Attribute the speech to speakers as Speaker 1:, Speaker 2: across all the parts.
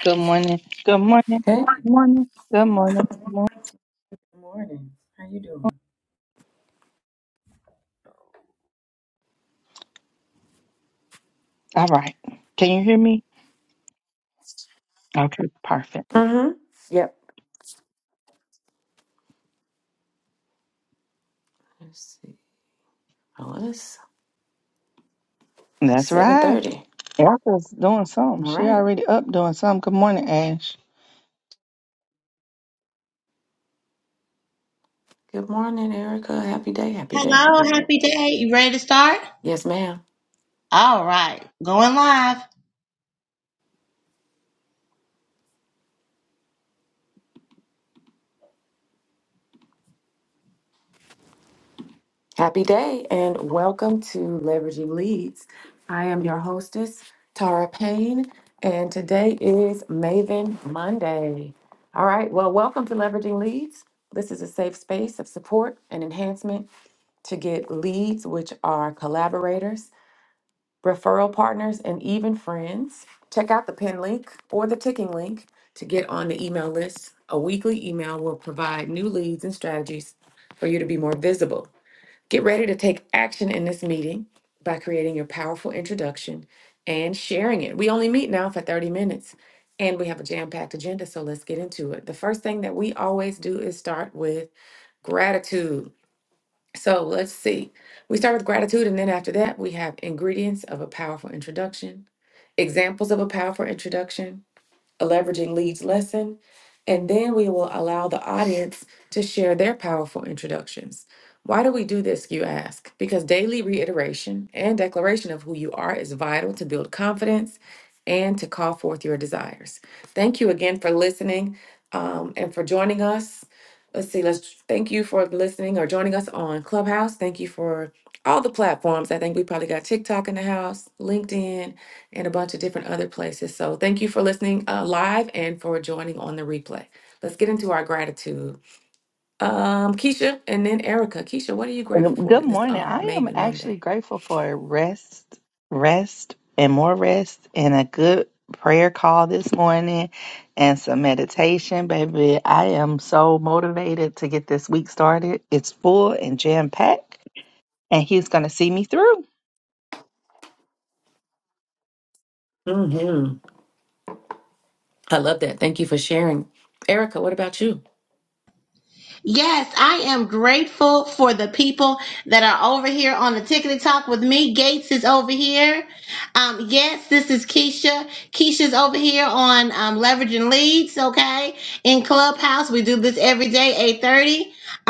Speaker 1: Good morning. Good morning.
Speaker 2: Okay.
Speaker 1: Morning. Good morning. morning.
Speaker 2: Good morning. How you doing?
Speaker 1: All right. Can you hear me? Okay, perfect.
Speaker 2: Mm-hmm. Yep. Let's see. Oh, it's
Speaker 1: That's
Speaker 2: seven
Speaker 1: right.
Speaker 2: thirty.
Speaker 1: Apple's doing something.
Speaker 2: All
Speaker 1: She
Speaker 2: right.
Speaker 1: already up doing something. Good morning, Ash.
Speaker 2: Good morning, Erica. Happy day. Happy day.
Speaker 3: Hello,
Speaker 2: Happy day.
Speaker 3: happy day. You ready to start?
Speaker 2: Yes, ma'am.
Speaker 3: All right, going live.
Speaker 2: Happy day, and welcome to Leveraging Leads. I am your hostess, Tara Payne, and today is Maven Monday. All right. Well, welcome to Leveraging Leads. This is a safe space of support and enhancement to get leads, which are collaborators referral partners, and even friends. Check out the pin link or the ticking link to get on the email list. A weekly email will provide new leads and strategies for you to be more visible. Get ready to take action in this meeting by creating your powerful introduction and sharing it. We only meet now for 30 minutes and we have a jam packed agenda, so let's get into it. The first thing that we always do is start with gratitude. So let's see. We start with gratitude, and then after that, we have ingredients of a powerful introduction, examples of a powerful introduction, leveraging leads lesson, and then we will allow the audience to share their powerful introductions. Why do we do this, you ask? Because daily reiteration and declaration of who you are is vital to build confidence and to call forth your desires. Thank you again for listening um, and for joining us. Let's see, let's thank you for listening or joining us on Clubhouse. Thank you for all the platforms. I think we probably got TikTok in the house, LinkedIn, and a bunch of different other places. So thank you for listening uh, live and for joining on the replay. Let's get into our gratitude. Um, Keisha and then Erica. Keisha, what are you grateful for
Speaker 1: Good
Speaker 2: this
Speaker 1: morning.
Speaker 2: um,
Speaker 1: I am
Speaker 2: Maven
Speaker 1: actually
Speaker 2: Monday?
Speaker 1: grateful for rest, rest, and more rest, and a good prayer call this morning, and some meditation, baby. I am so motivated to get this week started. It's full and jam packed, and he's gonna see me through.
Speaker 2: hmm I love that. Thank you for sharing. Erica, what about you?
Speaker 3: Yes, I am grateful for the people that are over here on the Tickety Talk with me. Gates is over here. Um, yes, this is Keisha. Keisha's over here on um, Leveraging Leads, okay, in Clubhouse. We do this every day, 8.30.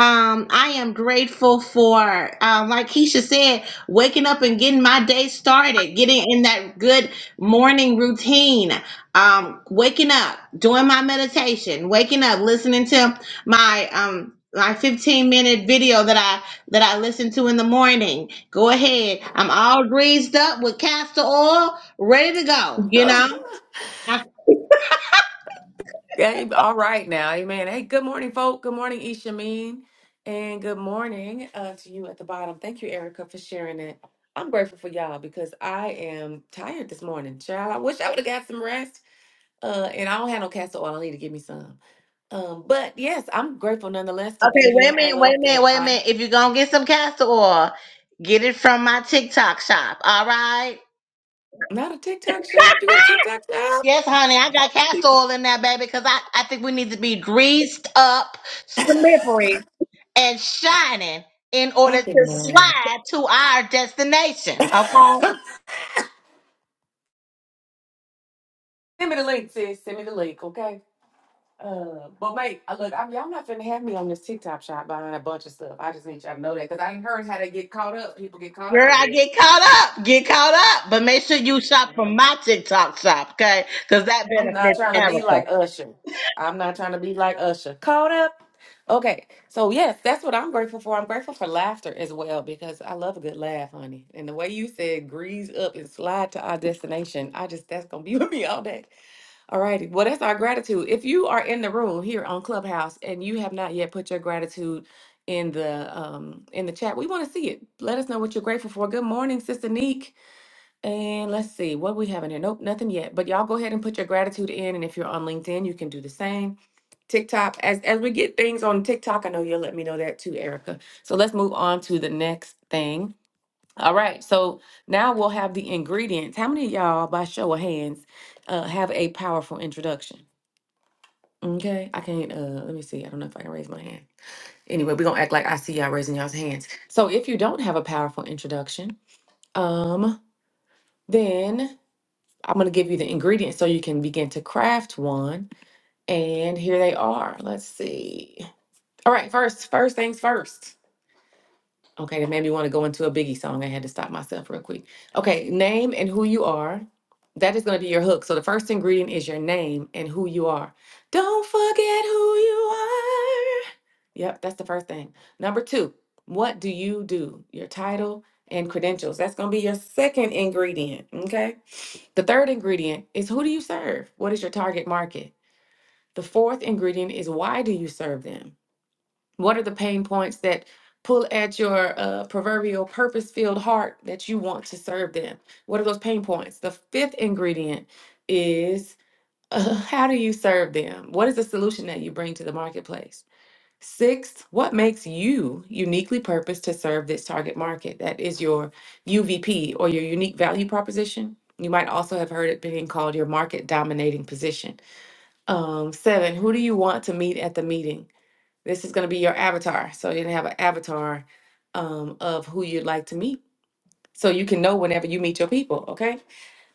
Speaker 3: Um, I am grateful for, um, like Keisha said, waking up and getting my day started, getting in that good morning routine, um, waking up, doing my meditation, waking up, listening to my um my 15 minute video that I that I listen to in the morning. Go ahead. I'm all greased up with castor oil, ready to go, you know? I-
Speaker 2: Hey, all right now, amen. Hey, good morning, folk. Good morning, Ishameen. And good morning uh, to you at the bottom. Thank you, Erica, for sharing it. I'm grateful for y'all because I am tired this morning, child. I wish I would have got some rest Uh, and I don't have no castor oil. I need to give me some. Um, but yes, I'm grateful nonetheless to be
Speaker 3: Okay, wait a
Speaker 2: here. I
Speaker 3: minute, wait a
Speaker 2: love
Speaker 3: minute,
Speaker 2: that
Speaker 3: wait a
Speaker 2: I
Speaker 3: minute. If you're gonna get some castor oil, get it from my TikTok shop, all right?
Speaker 2: not a TikTok shop. You got a TikTok shop?
Speaker 3: Yes, honey, I got castor oil in there, baby, because I, I think we need to be greased up, slippery, and shining in order
Speaker 2: I
Speaker 3: to
Speaker 2: cannot.
Speaker 3: slide to our destination. Okay.
Speaker 2: Send me the link, sis. Send me the link, okay? Uh, but mate, uh, look, I'm, y'all not finna have me on this TikTok shop buying a bunch of stuff. I just need y'all to know that because I ain't heard how they get caught up. People get caught up
Speaker 3: Girl,
Speaker 2: over
Speaker 3: I get
Speaker 2: there.
Speaker 3: caught up. Get caught up. But make sure you shop from my TikTok shop, okay? Because that
Speaker 2: I'm not
Speaker 3: benefits
Speaker 2: trying to be
Speaker 3: Erica.
Speaker 2: like Usher. I'm not trying to be like Usher. Caught up. Okay. So yes, that's what I'm grateful for. I'm grateful for laughter as well because I love a good laugh, honey. And the way you said grease up and slide to our destination, I just that's gonna be with me all day. All righty. Well, that's our gratitude. If you are in the room here on Clubhouse and you have not yet put your gratitude in the um in the chat, we want to see it. Let us know what you're grateful for. Good morning, Sister Neek. And let's see what we have in here. Nope, nothing yet. But y'all go ahead and put your gratitude in, and if you're on LinkedIn, you can do the same. TikTok, as as we get things on TikTok, I know you'll let me know that too, Erica. So let's move on to the next thing. All right, so now we'll have the ingredients. How many of y'all, by show of hands, uh, have a powerful introduction? Okay, I can't. Uh, let me see. I don't know if I can raise my hand. Anyway, we're gonna act like I see y'all raising y'all's hands. So if you don't have a powerful introduction, um, then I'm going to give you the ingredients so you can begin to craft one. And here they are. Let's see. All right, first, first things first. Okay, that made me want to go into a Biggie song. I had to stop myself real quick. Okay, name and who you are. That is going to be your hook. So the first ingredient is your name and who you are. Don't forget who you are. Yep, that's the first thing. Number two, what do you do? Your title and credentials. That's going to be your second ingredient. Okay. The third ingredient is who do you serve? What is your target market? The fourth ingredient is why do you serve them? What are the pain points that pull at your uh, proverbial purpose filled heart that you want to serve them? What are those pain points? The fifth ingredient is uh, how do you serve them? What is the solution that you bring to the marketplace? Sixth, what makes you uniquely purposed to serve this target market? That is your UVP or your unique value proposition. You might also have heard it being called your market dominating position. Um, seven, who do you want to meet at the meeting? This is going to be your avatar. So you're going to have an avatar um, of who you'd like to meet. So you can know whenever you meet your people, okay?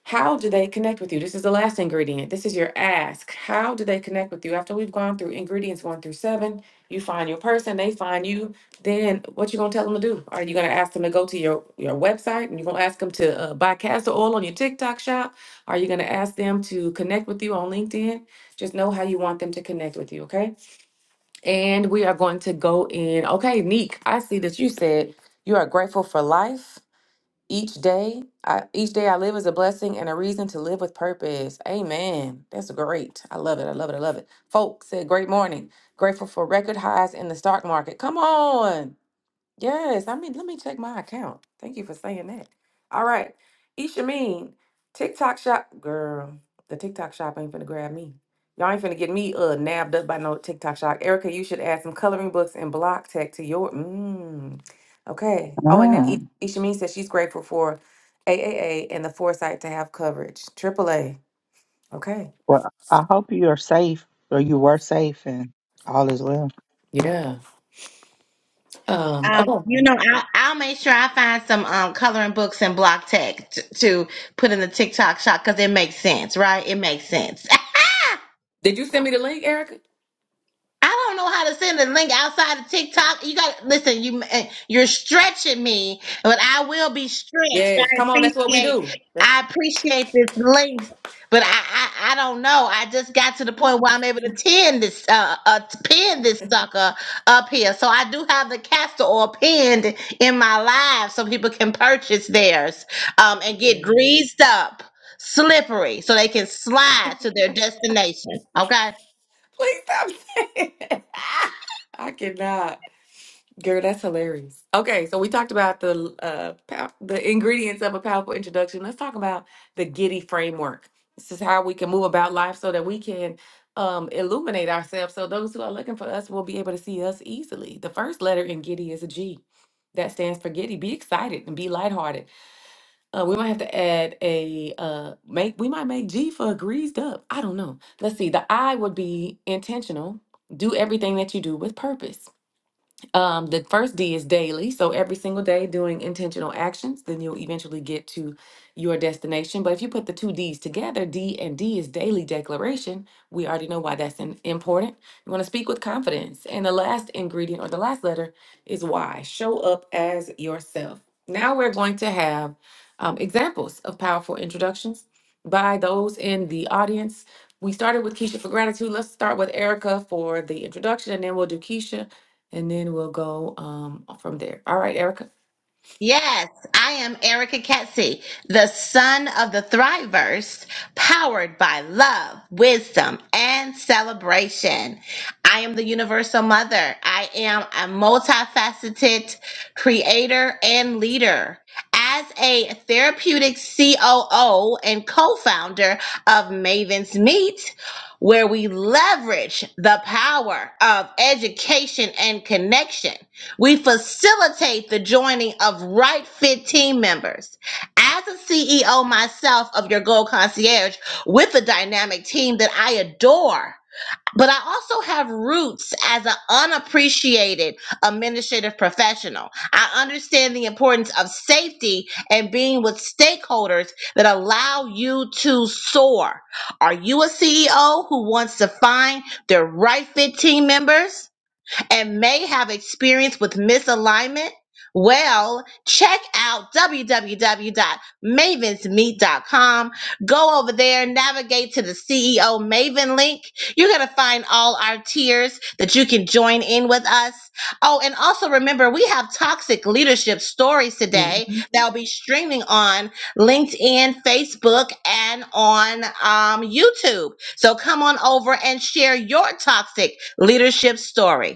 Speaker 2: How do they connect with you? This is the last ingredient. This is your ask. How do they connect with you? After we've gone through ingredients one through seven, you find your person, they find you. Then what you gonna tell them to do? Are you gonna ask them to go to your, your website and you're gonna ask them to uh, buy castor oil on your TikTok shop? Are you gonna ask them to connect with you on LinkedIn? Just know how you want them to connect with you, okay? And we are going to go in. Okay, Neek, I see that you said you are grateful for life. Each day, I, each day I live is a blessing and a reason to live with purpose. Amen. That's great. I love it. I love it. I love it. Folks said, "Great morning. Grateful for record highs in the stock market. Come on. Yes, I mean, let me check my account. Thank you for saying that. All right, Ishameen, TikTok shop girl. The TikTok shop ain't finna grab me. Y'all ain't finna get me uh nabbed up by no TikTok shop. Erica, you should add some coloring books and block tech to your. Mm, okay. Oh, and then Mm.
Speaker 1: Mm.
Speaker 2: I- Ishameen says she's grateful for AAA and the foresight to have coverage. AAA. Okay.
Speaker 1: Well, I hope you are safe or you were safe and all is well.
Speaker 2: Yeah. Um.
Speaker 3: Um,
Speaker 2: Okay.
Speaker 3: you know, I, I'll make sure I find some um coloring books and block tech t- to put in the TikTok shop because it makes sense, right? It makes sense.
Speaker 2: Did you send me the link, Erica?
Speaker 3: I don't know how to send a link outside of TikTok. You got listen. You eh, you're stretching me, but I will be stretched.
Speaker 2: Yes.
Speaker 3: I
Speaker 2: Come on. That's what we
Speaker 3: appreciate
Speaker 2: do. That's.
Speaker 3: I appreciate this link, but I I, I don't know. I just got to the point where I'm able to pin this uh, uh pin this sucker up here. So I do have the castor oil pinned in my live, so people can purchase theirs um and get greased up, slippery, so they can slide to their destination. Okay.
Speaker 2: Please stop saying it. I cannot. Girl, that's hilarious. Okay, so we talked about the uh pow- the ingredients of a powerful introduction. Let's talk about the Giddy framework. This is how we can move about life so that we can um illuminate ourselves so those who are looking for us will be able to see us easily. The first letter in Giddy is a G. That stands for Giddy. Be excited and be lighthearted. Uh, we might have to add a uh make we might make G for greased up. I don't know. Let's see. The I would be intentional. Do everything that you do with purpose. Um, the first D is daily. So every single day doing intentional actions, then you'll eventually get to your destination. But if you put the two D's together, D and D is daily declaration. We already know why that's in, important. You want to speak with confidence. And the last ingredient or the last letter is Y. Show up as yourself. Now we're going to have um, examples of powerful introductions by those in the audience. We started with Keisha for gratitude. Let's start with Erica for the introduction, and then we'll do Keisha and then we'll go um from there. All right, Erica.
Speaker 3: Yes, I am Erica Ketsey, the son of the Thriverse, powered by love, wisdom, and celebration. I am the universal mother. I am a multifaceted creator and leader. As a therapeutic COO and co founder of Maven's Meet, where we leverage the power of education and connection we facilitate the joining of right fit team members. As a CEO myself of your Gold Concierge with a dynamic team that I adore, but I also have roots as an unappreciated administrative professional. I understand the importance of safety and being with stakeholders that allow you to soar. Are you a CEO who wants to find their right fit team members? and may have experience with misalignment? Well, check out www.mavensmeet.com. Go over there, navigate to the CEO Maven link. You're going to find all our tiers that you can join in with us. Oh, and also remember, we have toxic leadership stories today
Speaker 2: Mhm.
Speaker 3: that will be streaming on LinkedIn, Facebook, and on um, YouTube. So come on over and share your toxic leadership story.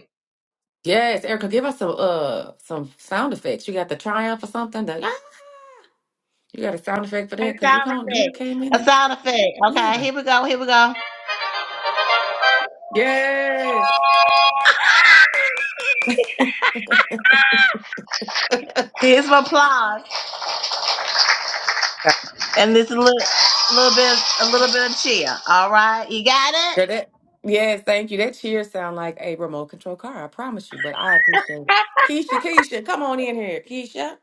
Speaker 2: Yes, Erica, give us some uh some sound effects. You got the triumph or something? The, ah! you got a sound effect for
Speaker 3: A
Speaker 2: that because you
Speaker 3: sound
Speaker 2: can't you
Speaker 3: effect.
Speaker 2: came in
Speaker 3: A
Speaker 2: and
Speaker 3: sound effect. Okay,
Speaker 2: yeah.
Speaker 3: here we go. Here we go.
Speaker 2: Yes.
Speaker 3: Here's some applause,
Speaker 4: down.
Speaker 3: and this little, little bit, a little bit of cheer. All right, you got it.
Speaker 2: Yeah, that, yes, thank you. That cheer sound like a remote control car, I promise you, but I appreciate it. Keisha, Keisha, come on in here. Keisha.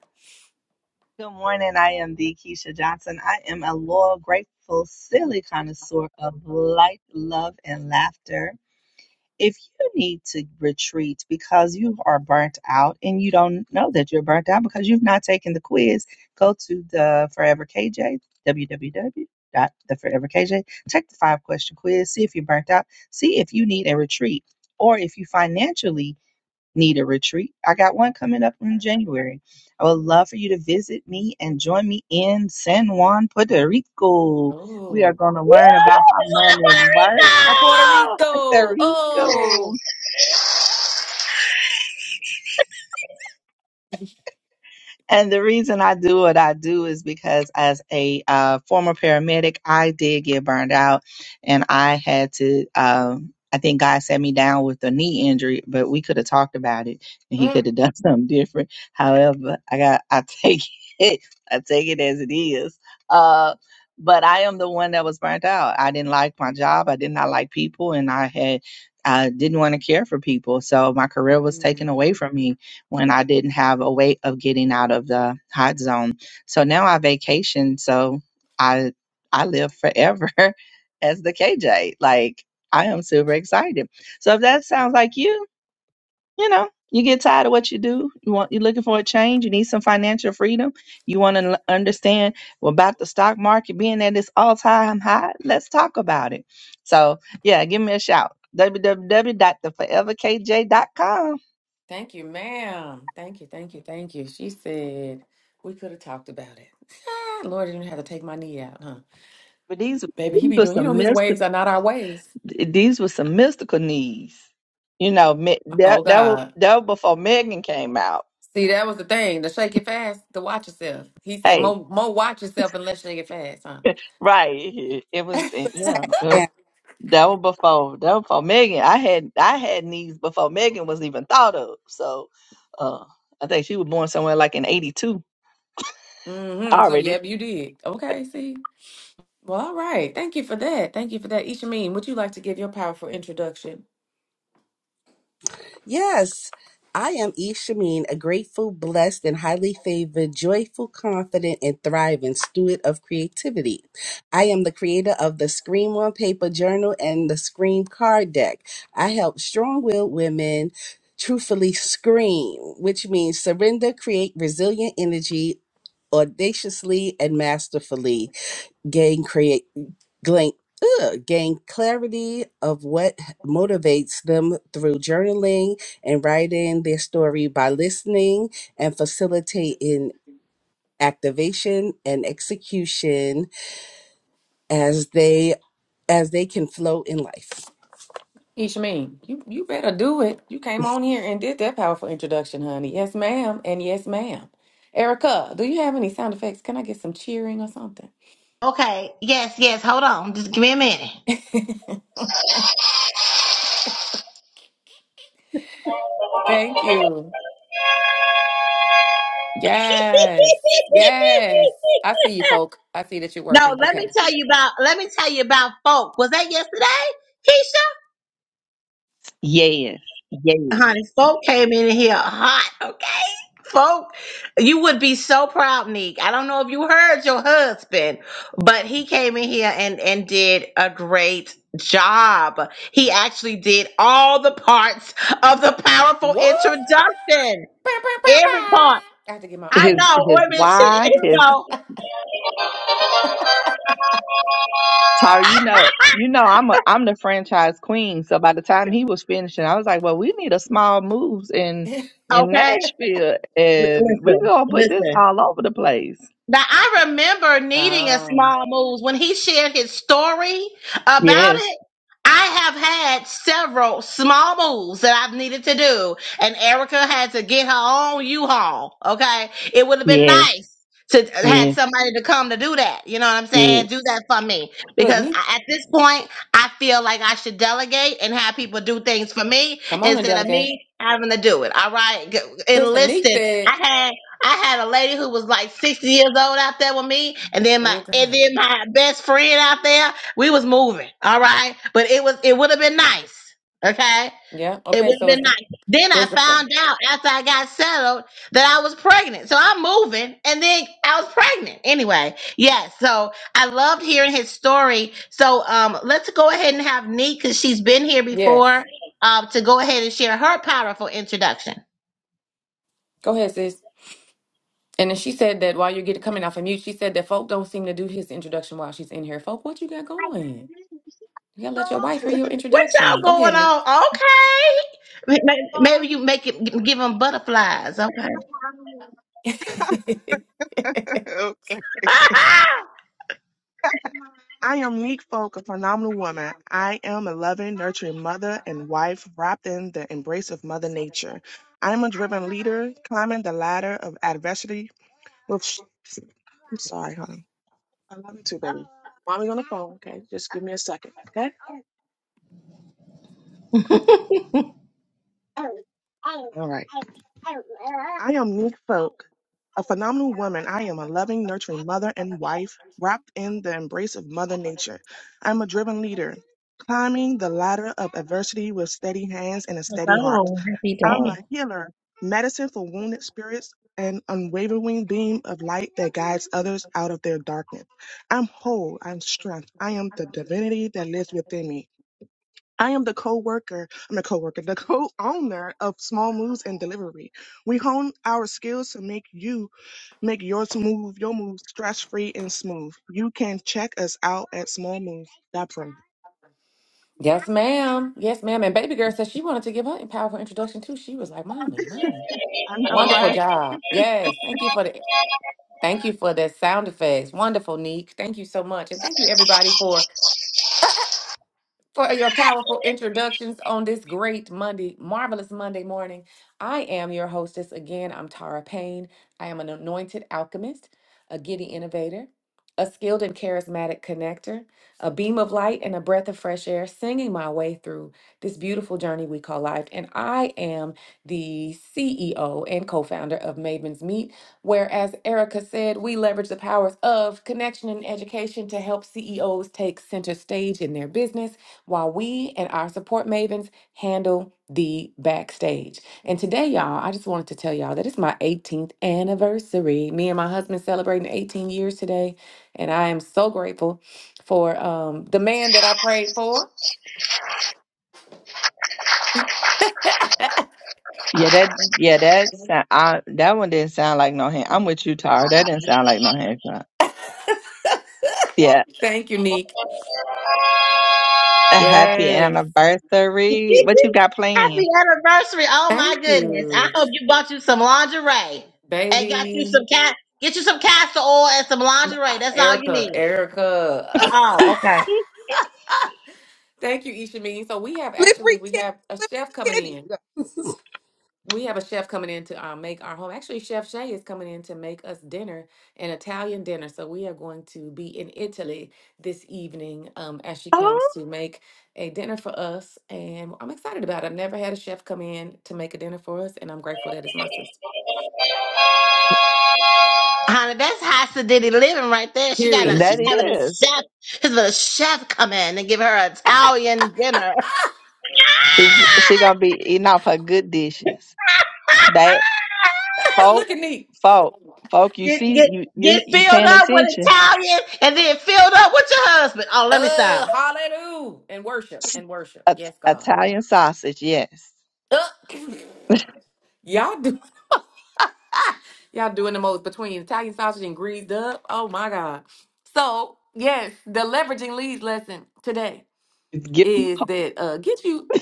Speaker 1: Good morning. I am the Keisha Johnson. I am a loyal, grateful, silly connoisseur of life, love, and laughter. If you need to retreat because you are burnt out and you don't know that you're burnt out because you've not taken the quiz, go to the Forever KJ, www dot the Forever KJ. Take the five question quiz, see if you're burnt out, see if you need a retreat, or if you financially Need a retreat? I got one coming up in January. I would love for you to visit me and join me in San Juan, Puerto Rico. We are
Speaker 2: Oh.
Speaker 1: going to
Speaker 3: Woo!
Speaker 1: learn about how
Speaker 3: We're going to
Speaker 1: money works.
Speaker 2: A Puerto
Speaker 3: Puerto Rico.
Speaker 2: Rico.
Speaker 1: Puerto
Speaker 2: Oh.
Speaker 1: Rico. And the reason I do what I do is because as a uh, former paramedic, I did get burned out and I had to, um, I think God set me down with a knee injury, but we could have talked about it and he could have done something different. However, I got, I take it, I take it as it is. Uh, but I am the one that was burnt out. I didn't like my job. I did not like people and I had, I didn't want to care for people. So my career was taken
Speaker 2: Mm.
Speaker 1: away from me when I didn't have a way of getting out of the hot zone. So now I vacation, so I I live forever as the KJ. Like I am super excited. So if that sounds like you, you know, you get tired of what you do, you want you're looking for a change, you need some financial freedom, you want to understand well, about the stock market being at its all-time high, let's talk about it. So, yeah, give me a shout. w w w dot the forever k j dot com.
Speaker 2: Thank you, ma'am. Thank you, thank you, thank you. She said we could have talked about it. Lord didn't have to take my knee out, huh?
Speaker 1: But these
Speaker 2: Baby, he
Speaker 1: these
Speaker 2: be
Speaker 1: were
Speaker 2: doing, you know,
Speaker 1: some
Speaker 2: his
Speaker 1: mysteries.
Speaker 2: ways are not our ways.
Speaker 1: th- these were some mystical needs. You know, me-
Speaker 2: Oh
Speaker 1: that that was
Speaker 2: God.
Speaker 1: that was before Megan came out.
Speaker 2: See, that was the thing. To shake it fast, to watch yourself. He said,
Speaker 1: Hey,
Speaker 2: Mo mo watch yourself and let's shake it fast, huh?
Speaker 1: right? It was yeah.
Speaker 4: Sat
Speaker 1: uh,
Speaker 4: down.
Speaker 1: That was before that was before Megan. I had I had needs before Megan was even thought of. So, uh, I think she was born somewhere like in '82
Speaker 2: Mm-hmm. So
Speaker 1: already.
Speaker 2: yep, you did. Okay, see. Well, all right. Thank you for that. Thank you for that. Ishameen, would you like to give your powerful introduction?
Speaker 4: Yes, I am Ishameen, a grateful, blessed, and highly favored, joyful, confident, and thriving steward of creativity. I am the creator of the Scream on Paper Journal and the Scream Card Deck. I help strong willed women truthfully scream, which means surrender, create resilient energy. Audaciously and masterfully gain gain, ugh, gain clarity of what motivates them through journaling and writing their story by listening and facilitating activation and execution as they as they can flow in life.
Speaker 2: Ishmael, you, you better do it. You came on here and did that powerful introduction, honey. Yes, ma'am, and yes, ma'am. Erica, do you have any sound effects? Can I get some cheering or something?
Speaker 3: Okay. Yes. Yes. Hold on. Just give me a minute.
Speaker 2: Thank you. Yes, yes. I see you, folk. I see that you're
Speaker 3: no,
Speaker 2: working.
Speaker 3: let me
Speaker 2: Okay.
Speaker 3: tell you about. Let me tell you about folk. Was that yesterday, Keisha?
Speaker 1: Yes, yes.
Speaker 3: honey, folk came in here hot, okay? Folk, you would be so proud, Neek. I don't know if you heard your husband, but he came in here and and did a great job. He actually did all the parts of the powerful
Speaker 2: What?
Speaker 3: introduction.
Speaker 2: Bah, bah, bah,
Speaker 3: Every part.
Speaker 2: bah. I have to get my
Speaker 3: I
Speaker 1: His
Speaker 2: own.
Speaker 3: know.
Speaker 1: his
Speaker 3: Wait a minute. She,
Speaker 1: why,
Speaker 3: here we
Speaker 1: his
Speaker 3: go.
Speaker 1: Tyra, you know, you know, I'm a I'm the franchise queen. So by the time he was finishing, I was like, well, we need a small moves in in
Speaker 3: Okay.
Speaker 1: Nashville, and we
Speaker 3: Listen,
Speaker 1: gonna put this
Speaker 3: listen.
Speaker 1: all over the place.
Speaker 3: Now I remember needing a
Speaker 2: oh,
Speaker 3: small move when he shared his story about
Speaker 1: Yes,
Speaker 3: it. I have had several small moves that I've needed to do, and Erica had to get her own U-Haul. Okay, it would have been
Speaker 1: yes,
Speaker 3: nice to had
Speaker 1: yes,
Speaker 3: somebody to come to do that. You know what I'm
Speaker 1: yes.
Speaker 3: saying? Do that for me
Speaker 2: look,
Speaker 3: because
Speaker 2: me.
Speaker 3: I, at this point, I feel like I should delegate and have people do things for me
Speaker 2: Come on and
Speaker 3: instead of
Speaker 2: delegate.
Speaker 3: me having to do it. All right, G-
Speaker 2: Listen, Neek
Speaker 3: enlisted.
Speaker 2: said,
Speaker 3: I I had a lady who was like 60 years old out there with me, and then my
Speaker 2: oh, God.
Speaker 3: and then my best friend out there. We was moving, all right. But it was it would have been nice, okay.
Speaker 2: Yeah,
Speaker 3: It
Speaker 2: okay,
Speaker 3: would have
Speaker 2: so
Speaker 3: been
Speaker 2: it's the,
Speaker 3: nice. Then I
Speaker 2: there's the friend.
Speaker 3: found out after I got settled that I was pregnant. So I'm moving, and then I was pregnant anyway. Yes. so I loved hearing his story. So um, let's go ahead and have Neek, because she's been here
Speaker 2: Yes.
Speaker 3: before, um, to go ahead and share her powerful introduction.
Speaker 2: Go ahead, sis. And then she said that while you're getting coming off of mute, she said that folk don't seem to do his introduction while she's in here. Folk, what you got going? You gotta let your wife hear your
Speaker 3: What y'all
Speaker 2: introduction. Go
Speaker 3: going
Speaker 2: ahead, Nick.
Speaker 3: on? Okay. May- may- Maybe you make it give them butterflies. Okay.
Speaker 5: Okay. I am Neek Folk, a phenomenal woman. I am a loving, nurturing mother and wife wrapped in the embrace of Mother Nature. I am a driven leader, climbing the ladder of adversity with. sh- I'm sorry, honey. I love you too, baby. Mommy's on the phone. Okay, just give me a second. Okay. All right. I am Nick Folk, a phenomenal woman. I am a loving, nurturing mother and wife, wrapped in the embrace of Mother Nature. I'm a driven leader, climbing the ladder of adversity with steady hands and a steady heart.
Speaker 3: oh, happy
Speaker 5: I'm a
Speaker 3: day.
Speaker 5: healer, medicine for wounded spirits, an unwavering beam of light that guides others out of their darkness. I'm whole, I'm strength, I am the divinity that lives within me. I am the co-worker, I'm the co-worker, the co-owner of Small Moves and Delivery. We hone our skills to make you make yours move, your move stress-free and smooth. You can check us out at Small Moves. smallmove.pro.
Speaker 2: yes, ma'am. Yes, ma'am. And baby girl said she wanted to give her a powerful introduction too. She was like, "Mommy, mommy,
Speaker 5: I know, right?
Speaker 2: wonderful job. Yes, thank you for the thank you for the sound effects. Wonderful, Nick. Thank you so much, and thank you everybody for for your powerful introductions on this great Monday, marvelous Monday morning. I am your hostess again. I'm Tara Payne. I am an anointed alchemist, a giddy innovator, a skilled and charismatic connector, a beam of light, and a breath of fresh air, singing my way through this beautiful journey we call life. And I am the CEO and co founder of Maven's Meet, where, as Erica said, we leverage the powers of connection and education to help CEOs take center stage in their business while we and our support mavens handle the backstage. And today, y'all, I just wanted to tell y'all that it's my 18th anniversary. Me and my husband celebrating 18 years today, and I am so grateful for um, the man that I prayed for.
Speaker 1: Yeah, that yeah that sound, I, that one didn't sound like no hand. I'm with you, Tyra. That didn't sound like no handshake. Yeah,
Speaker 2: Thank you, Neek.
Speaker 1: a happy
Speaker 2: Yes.
Speaker 1: anniversary. What you got planned?
Speaker 3: happy anniversary. Oh my
Speaker 2: Thank
Speaker 3: goodness. I
Speaker 2: you,
Speaker 3: hope you bought you some lingerie and got you
Speaker 2: baby.
Speaker 3: some cat get you some castor oil and some lingerie. That's all you
Speaker 2: Erica,
Speaker 3: need.
Speaker 2: Erica.
Speaker 3: Oh, okay.
Speaker 2: Thank you, Ishameen. So we have
Speaker 4: Slippery
Speaker 2: actually we
Speaker 4: kitty,
Speaker 2: have a chef coming
Speaker 4: kitty.
Speaker 2: in. we have a chef coming in to uh, make our home. Actually, Chef Shay is coming in to make us dinner, an Italian dinner. So we are going to be in Italy this evening um, as she
Speaker 1: oh,
Speaker 2: comes to make a dinner for us. And I'm excited about it. I've never had a chef come in to make a dinner for us, and I'm grateful that it's my sister.
Speaker 3: Honey, that's high sedity living right there. She got a,
Speaker 2: Period.
Speaker 3: she's
Speaker 1: that
Speaker 3: having a
Speaker 1: is.
Speaker 3: chef, his little chef come in and give her Italian dinner.
Speaker 1: She gonna be eating off her good dishes. folk,
Speaker 2: Look at me.
Speaker 1: folk, folk. You
Speaker 3: Get
Speaker 1: see,
Speaker 3: get
Speaker 1: you you
Speaker 3: get
Speaker 1: you
Speaker 3: filled
Speaker 1: paying
Speaker 3: up with
Speaker 1: attention?
Speaker 3: Italian and then filled up with your husband. Oh, let me stop.
Speaker 2: Uh, hallelujah. And worship
Speaker 1: It-
Speaker 2: and worship. Yes, God.
Speaker 1: Italian sausage, yes.
Speaker 2: Uh, y'all do Y'all doing the most between Italian sausage and greased up. Oh my God. So, yes, the leveraging leads lesson today
Speaker 1: Give,
Speaker 2: is that uh get you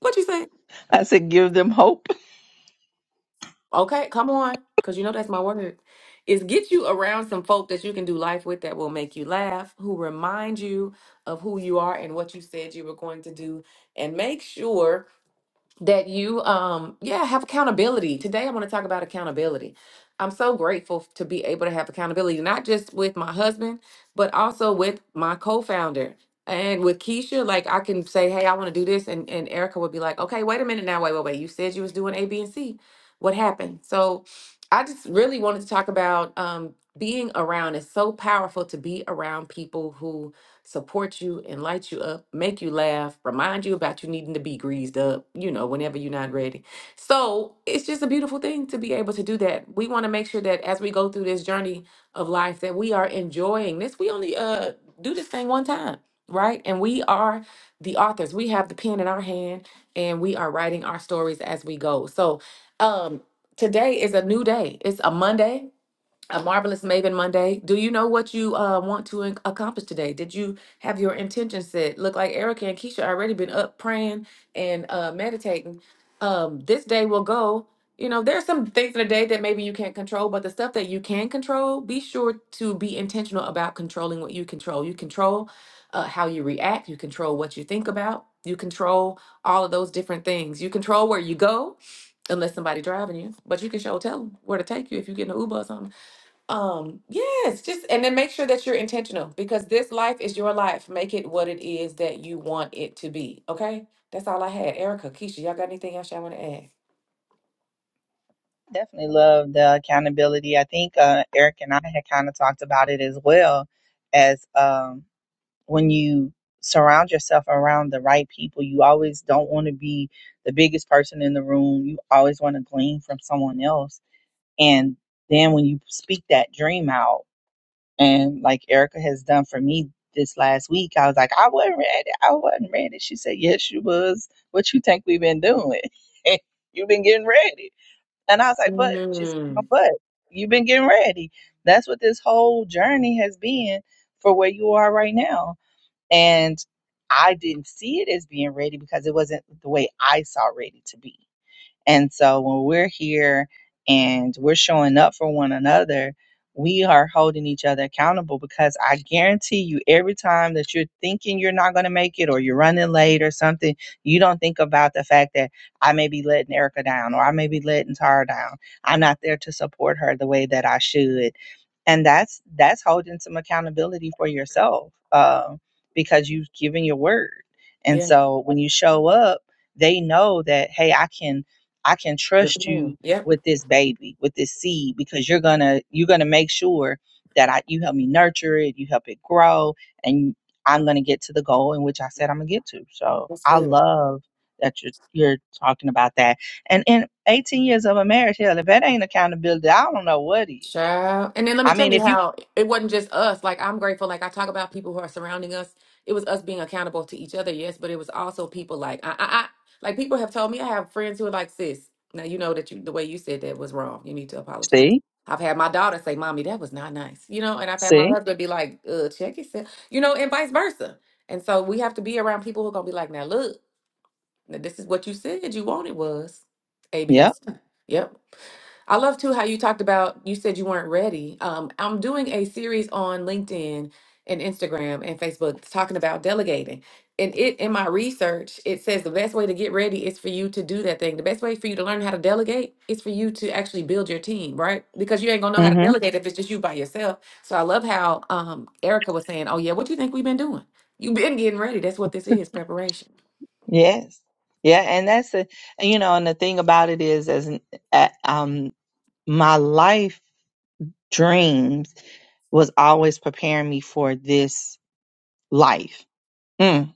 Speaker 2: what you say?
Speaker 1: I said, give them hope.
Speaker 2: Okay, come on, because you know that's my word. Is get you around some folk that you can do life with that will make you laugh, who remind you of who you are and what you said you were going to do, and make sure that you um yeah have accountability today i want to talk about accountability i'm so grateful f- to be able to have accountability not just with my husband but also with my co-founder and with keisha like i can say hey i want to do this and, and erica would be like okay wait a minute now wait wait wait you said you was doing a b and c what happened so i just really wanted to talk about um being around it's so powerful to be around people who support you and light you up, make you laugh, remind you about you needing to be greased up, you know, whenever you're not ready. So it's just a beautiful thing to be able to do that. We want to make sure that as we go through this journey of life, that we are enjoying this. We only uh do this thing one time, right? And we are the authors. We have the pen in our hand and we are writing our stories as we go. So um today is a new day. It's a Monday a marvelous Maven Monday. Do you know what you uh, want to in- accomplish today? Did you have your intention set? Look like Erica and Keisha already been up praying and uh, meditating. Um, this day will go. You know, there's some things in the day that maybe you can't control, but the stuff that you can control, be sure to be intentional about controlling what you control. You control uh, how you react. You control what you think about. You control all of those different things. You control where you go, unless somebody driving you, but you can show tell them where to take you if you get in an Uber or something um, yes, just and then make sure that you're intentional because this life is your life. Make it what it is that you want it to be. Okay? That's all I had. Erica, Keisha, y'all got anything else y'all want to add?
Speaker 1: Definitely love the accountability. I think uh, Eric and I had kind of talked about it as well as um, when you surround yourself around the right people, you always don't want to be the biggest person in the room. You always want to glean from someone else. And then when you speak that dream out, And like Erica has done for me this last week, I was like, I wasn't ready. I wasn't ready. She said, Yes, you was. What you think we've been doing? You've been getting ready. And I was like, But she said, "No,
Speaker 2: Mm,
Speaker 1: But you've been getting ready. That's what this whole journey has been for where you are right now. And I didn't see it as being ready because it wasn't the way I saw ready to be and so when we're here and we're showing up for one another, we are holding each other accountable because I guarantee you, every time that you're thinking you're not going to make it or you're running late or something, you don't think about the fact that I may be letting Erica down or I may be letting Tara down. I'm not there to support her the way that I should. And that's that's holding some accountability for yourself um, because you've given your word. And
Speaker 2: yeah.
Speaker 1: so when you show up, they know that hey, I can I can
Speaker 2: Yep.
Speaker 1: trust
Speaker 2: Mm,
Speaker 1: you
Speaker 2: yep.
Speaker 1: with this baby, with this seed, because you're gonna you're gonna make sure that I you help me nurture it, you help it grow, and I'm gonna get to the goal in which I said I'm gonna get to. So
Speaker 2: That's
Speaker 1: I
Speaker 2: good.
Speaker 1: love that you're you're talking about that. And in 18 years of a marriage, hell, if that ain't accountability, I don't know what is.
Speaker 2: Sure. And then let me
Speaker 1: I mean,
Speaker 2: tell you
Speaker 1: if you
Speaker 2: how it wasn't just us. Like I'm grateful. Like I talk about people who are surrounding us. It was us being accountable to each other, yes, but it was also people like I, I, I like people have told me I have friends who are like, sis, now you know that you the way you said that was wrong. You need to apologize.
Speaker 1: see,
Speaker 2: I've had my daughter say, Mommy, that was not nice. You know, and I've had my
Speaker 1: see,
Speaker 2: husband be like, uh, check yourself, you know, and vice versa. And so we have to be around people who are gonna be like, now look, now this is what you said you wanted was A, B, and
Speaker 1: yep,
Speaker 2: C. Yep. I love too how you talked about you said you weren't ready. Um, I'm doing a series on LinkedIn and Instagram and Facebook talking about delegating. And it in my research, it says the best way to get ready is for you to do that thing. The best way for you to learn how to delegate is for you to actually build your team, right? Because you ain't gonna know how to
Speaker 1: mm-hmm,
Speaker 2: delegate if it's just you by yourself. So I love how um, Erica was saying, "Oh yeah, what you think we've been doing? You've been getting ready. That's what this is, preparation."
Speaker 1: yes, yeah, and that's a, and, you know, and the thing about it is, as an- a- um, my life. dreams was always preparing me for this life. Mm,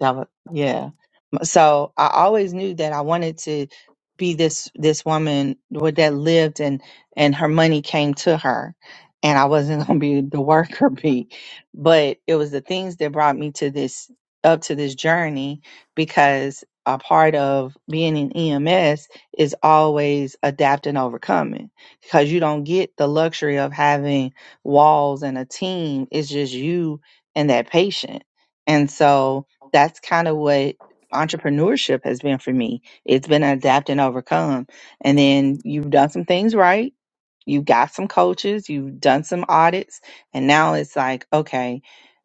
Speaker 1: that was, yeah so I always knew that I wanted to be this this woman with- that lived and and her money came to her, and I wasn't gonna be the worker bee, but it was the things that brought me to this up to this journey because a part of being in EMS is always adapting overcoming because you don't get the luxury of having walls and a team it's just you and that patient and so that's kind of what entrepreneurship has been for me. It's been adapt and overcome. And then you've done some things right. You've got some coaches, you've done some audits, and now it's like, okay,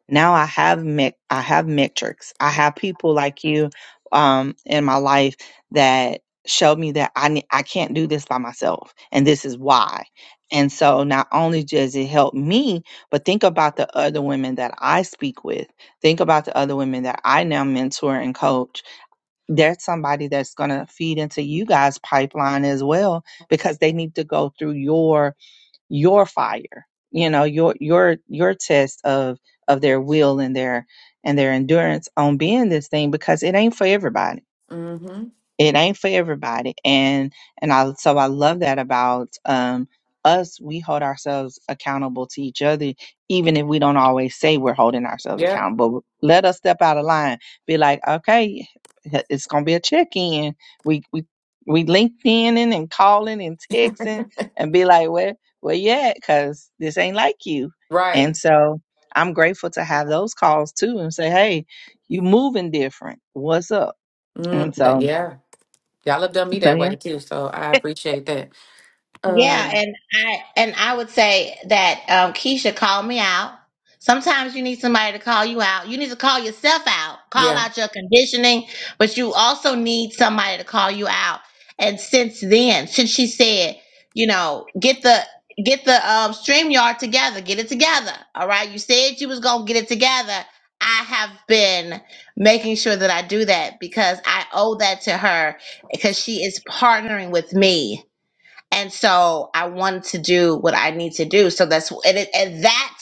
Speaker 1: now I have me- I have metrics. I have people like you um in my life that show me that I ne- I can't do this by myself and this is why. And so not only does it help me, but think about the other women that I speak with. Think about the other women that I now mentor and coach there's somebody that's going to feed into you guys pipeline as well because they need to go through your your fire you know your your your test of of their will and their and their endurance on being this thing because it ain't for everybody
Speaker 2: Mm-hmm.
Speaker 1: it ain't for everybody and and i so i love that about um us we hold ourselves accountable to each other even if we don't always say we're holding ourselves
Speaker 2: Yep.
Speaker 1: accountable let us step out of line be like okay it's gonna be a check-in we we we LinkedIn and calling and texting and be like, where, where you at? Cause this ain't like you.
Speaker 2: Right.
Speaker 1: And so I'm grateful to have those calls too and say, hey, you moving different. What's up? And
Speaker 2: Mm, that,
Speaker 1: so,
Speaker 2: yeah. Y'all have done me
Speaker 1: so
Speaker 2: that
Speaker 1: yeah.
Speaker 2: way too, so I appreciate that.
Speaker 3: Yeah,
Speaker 2: Um,
Speaker 3: and I and I would say that um, Keisha called me out. Sometimes you need somebody to call you out. You need to call yourself out, call
Speaker 2: yeah.
Speaker 3: out your conditioning, but you also need somebody to call you out. And since then, since she said, you know, get the get the um, stream together, get it together. All right, you said you was gonna get it together. I have been making sure that I do that because I owe that to her because she is partnering with me and so I wanted to do what I need to do. So that's and, it, and that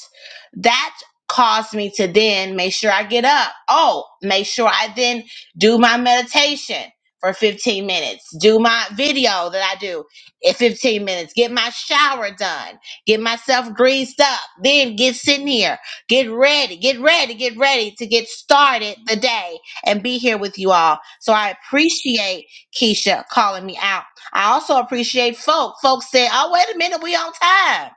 Speaker 3: that caused me to then make sure I get up. Oh, make sure I then do my meditation for 15 minutes. Do my video that I do in 15 minutes. Get my shower done. Get myself greased up. Then get sitting here. Get ready. Get ready. Get ready to get started the day and be here with you all. So I appreciate Keisha calling me out I also appreciate folk. Folks said, "Oh, wait a minute, we on time."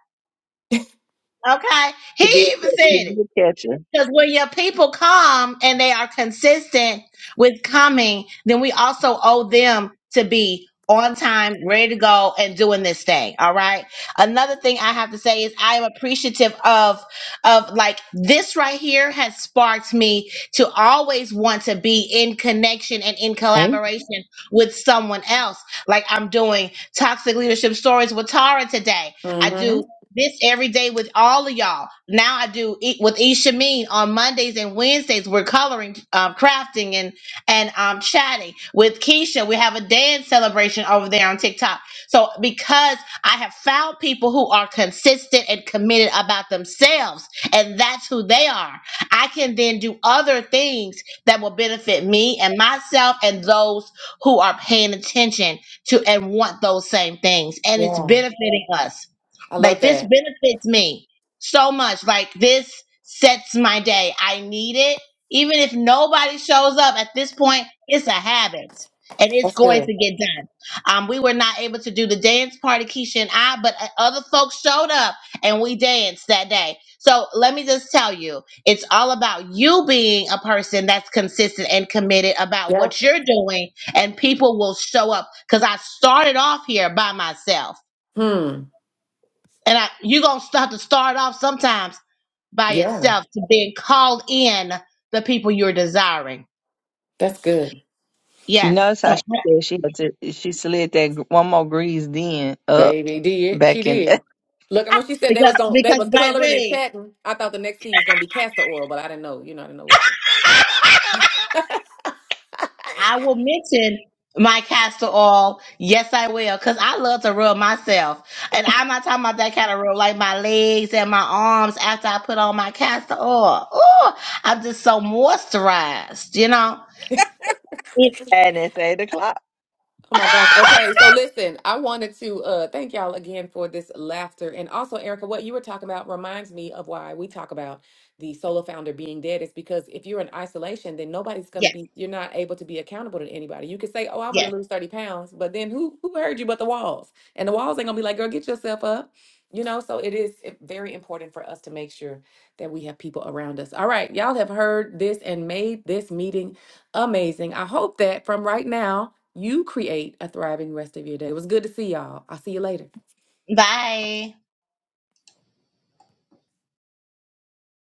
Speaker 3: Okay, he
Speaker 1: He did.
Speaker 3: even said
Speaker 1: catch- She
Speaker 3: it.
Speaker 1: did catch her.
Speaker 3: Because when your people come and they are consistent with coming, then we also owe them to be on time, ready to go, and doing this thing. All right. Another thing I have to say is I am appreciative of of like this right here has sparked me to always want to be in connection and in
Speaker 1: Hey,
Speaker 3: collaboration with someone else. Like I'm doing toxic leadership stories with Tara today. I do
Speaker 2: Mm-hmm.
Speaker 3: this every day with all of y'all. Now I do it with Ishameen on Mondays and Wednesdays. We're coloring, um, crafting, and and um, chatting with Keisha. We have a dance celebration over there on TikTok. So because I have found people who are consistent and committed about themselves, and that's who they are, I can then do other things that will benefit me and myself and those who are paying attention to and want those same things, and it's
Speaker 2: Yeah.
Speaker 3: benefiting us.
Speaker 2: I love
Speaker 3: Like this
Speaker 2: that.
Speaker 3: benefits me so much. Like this sets my day. I need it. Even if nobody shows up at this point, it's a habit and it's
Speaker 2: That's
Speaker 3: going
Speaker 2: good.
Speaker 3: to get done. Um, we were not able to do the dance party, Keisha and I, but uh, other folks showed up and we danced that day. So let me just tell you, it's all about you being a person that's consistent and committed about what
Speaker 2: Yep.
Speaker 3: you're doing, and people will show up. Because I started off here by myself.
Speaker 2: Hmm.
Speaker 3: And I, you're going to have to start off sometimes by
Speaker 2: Yeah.
Speaker 3: yourself to being called in the people you're desiring.
Speaker 2: That's good.
Speaker 1: you
Speaker 3: Yes.
Speaker 1: notice
Speaker 3: So,
Speaker 1: how she said she had to, she slid that gr- one more grease then up
Speaker 2: Baby did. She
Speaker 1: back in
Speaker 2: did. Look, and when she said they
Speaker 3: because,
Speaker 2: was going they
Speaker 3: because
Speaker 2: was coloring and
Speaker 3: baby,
Speaker 2: chatting, I thought the next scene was gonna be castor oil, but I didn't know. You know, I didn't know what
Speaker 3: I will mention my castor oil. Yes, I will. Cause I love to rub myself. And I'm not talking about that kind of rub, like my legs and my arms after I put on my castor oil. Ooh, I'm just so moisturized, you know? It,
Speaker 2: the
Speaker 1: and it's eight o'clock.
Speaker 2: Oh my gosh. Okay. So listen, I wanted to uh thank y'all again for this laughter. And also, Erica, what you were talking about reminds me of why we talk about the solo founder being dead is because if you're in isolation, then nobody's gonna
Speaker 3: yes,
Speaker 2: be you're not able to be accountable to anybody. You could say, Oh, I'm gonna
Speaker 3: yes.
Speaker 2: lose 30 pounds, but then who who heard you but the walls? And the walls ain't gonna be like, girl, get yourself up. You know, so it is i- very important for us to make sure that we have people around us. All right, y'all have heard this and made this meeting amazing. I hope that from right now you create a thriving rest of your day. It was good to see y'all. I'll see you later.
Speaker 3: Bye.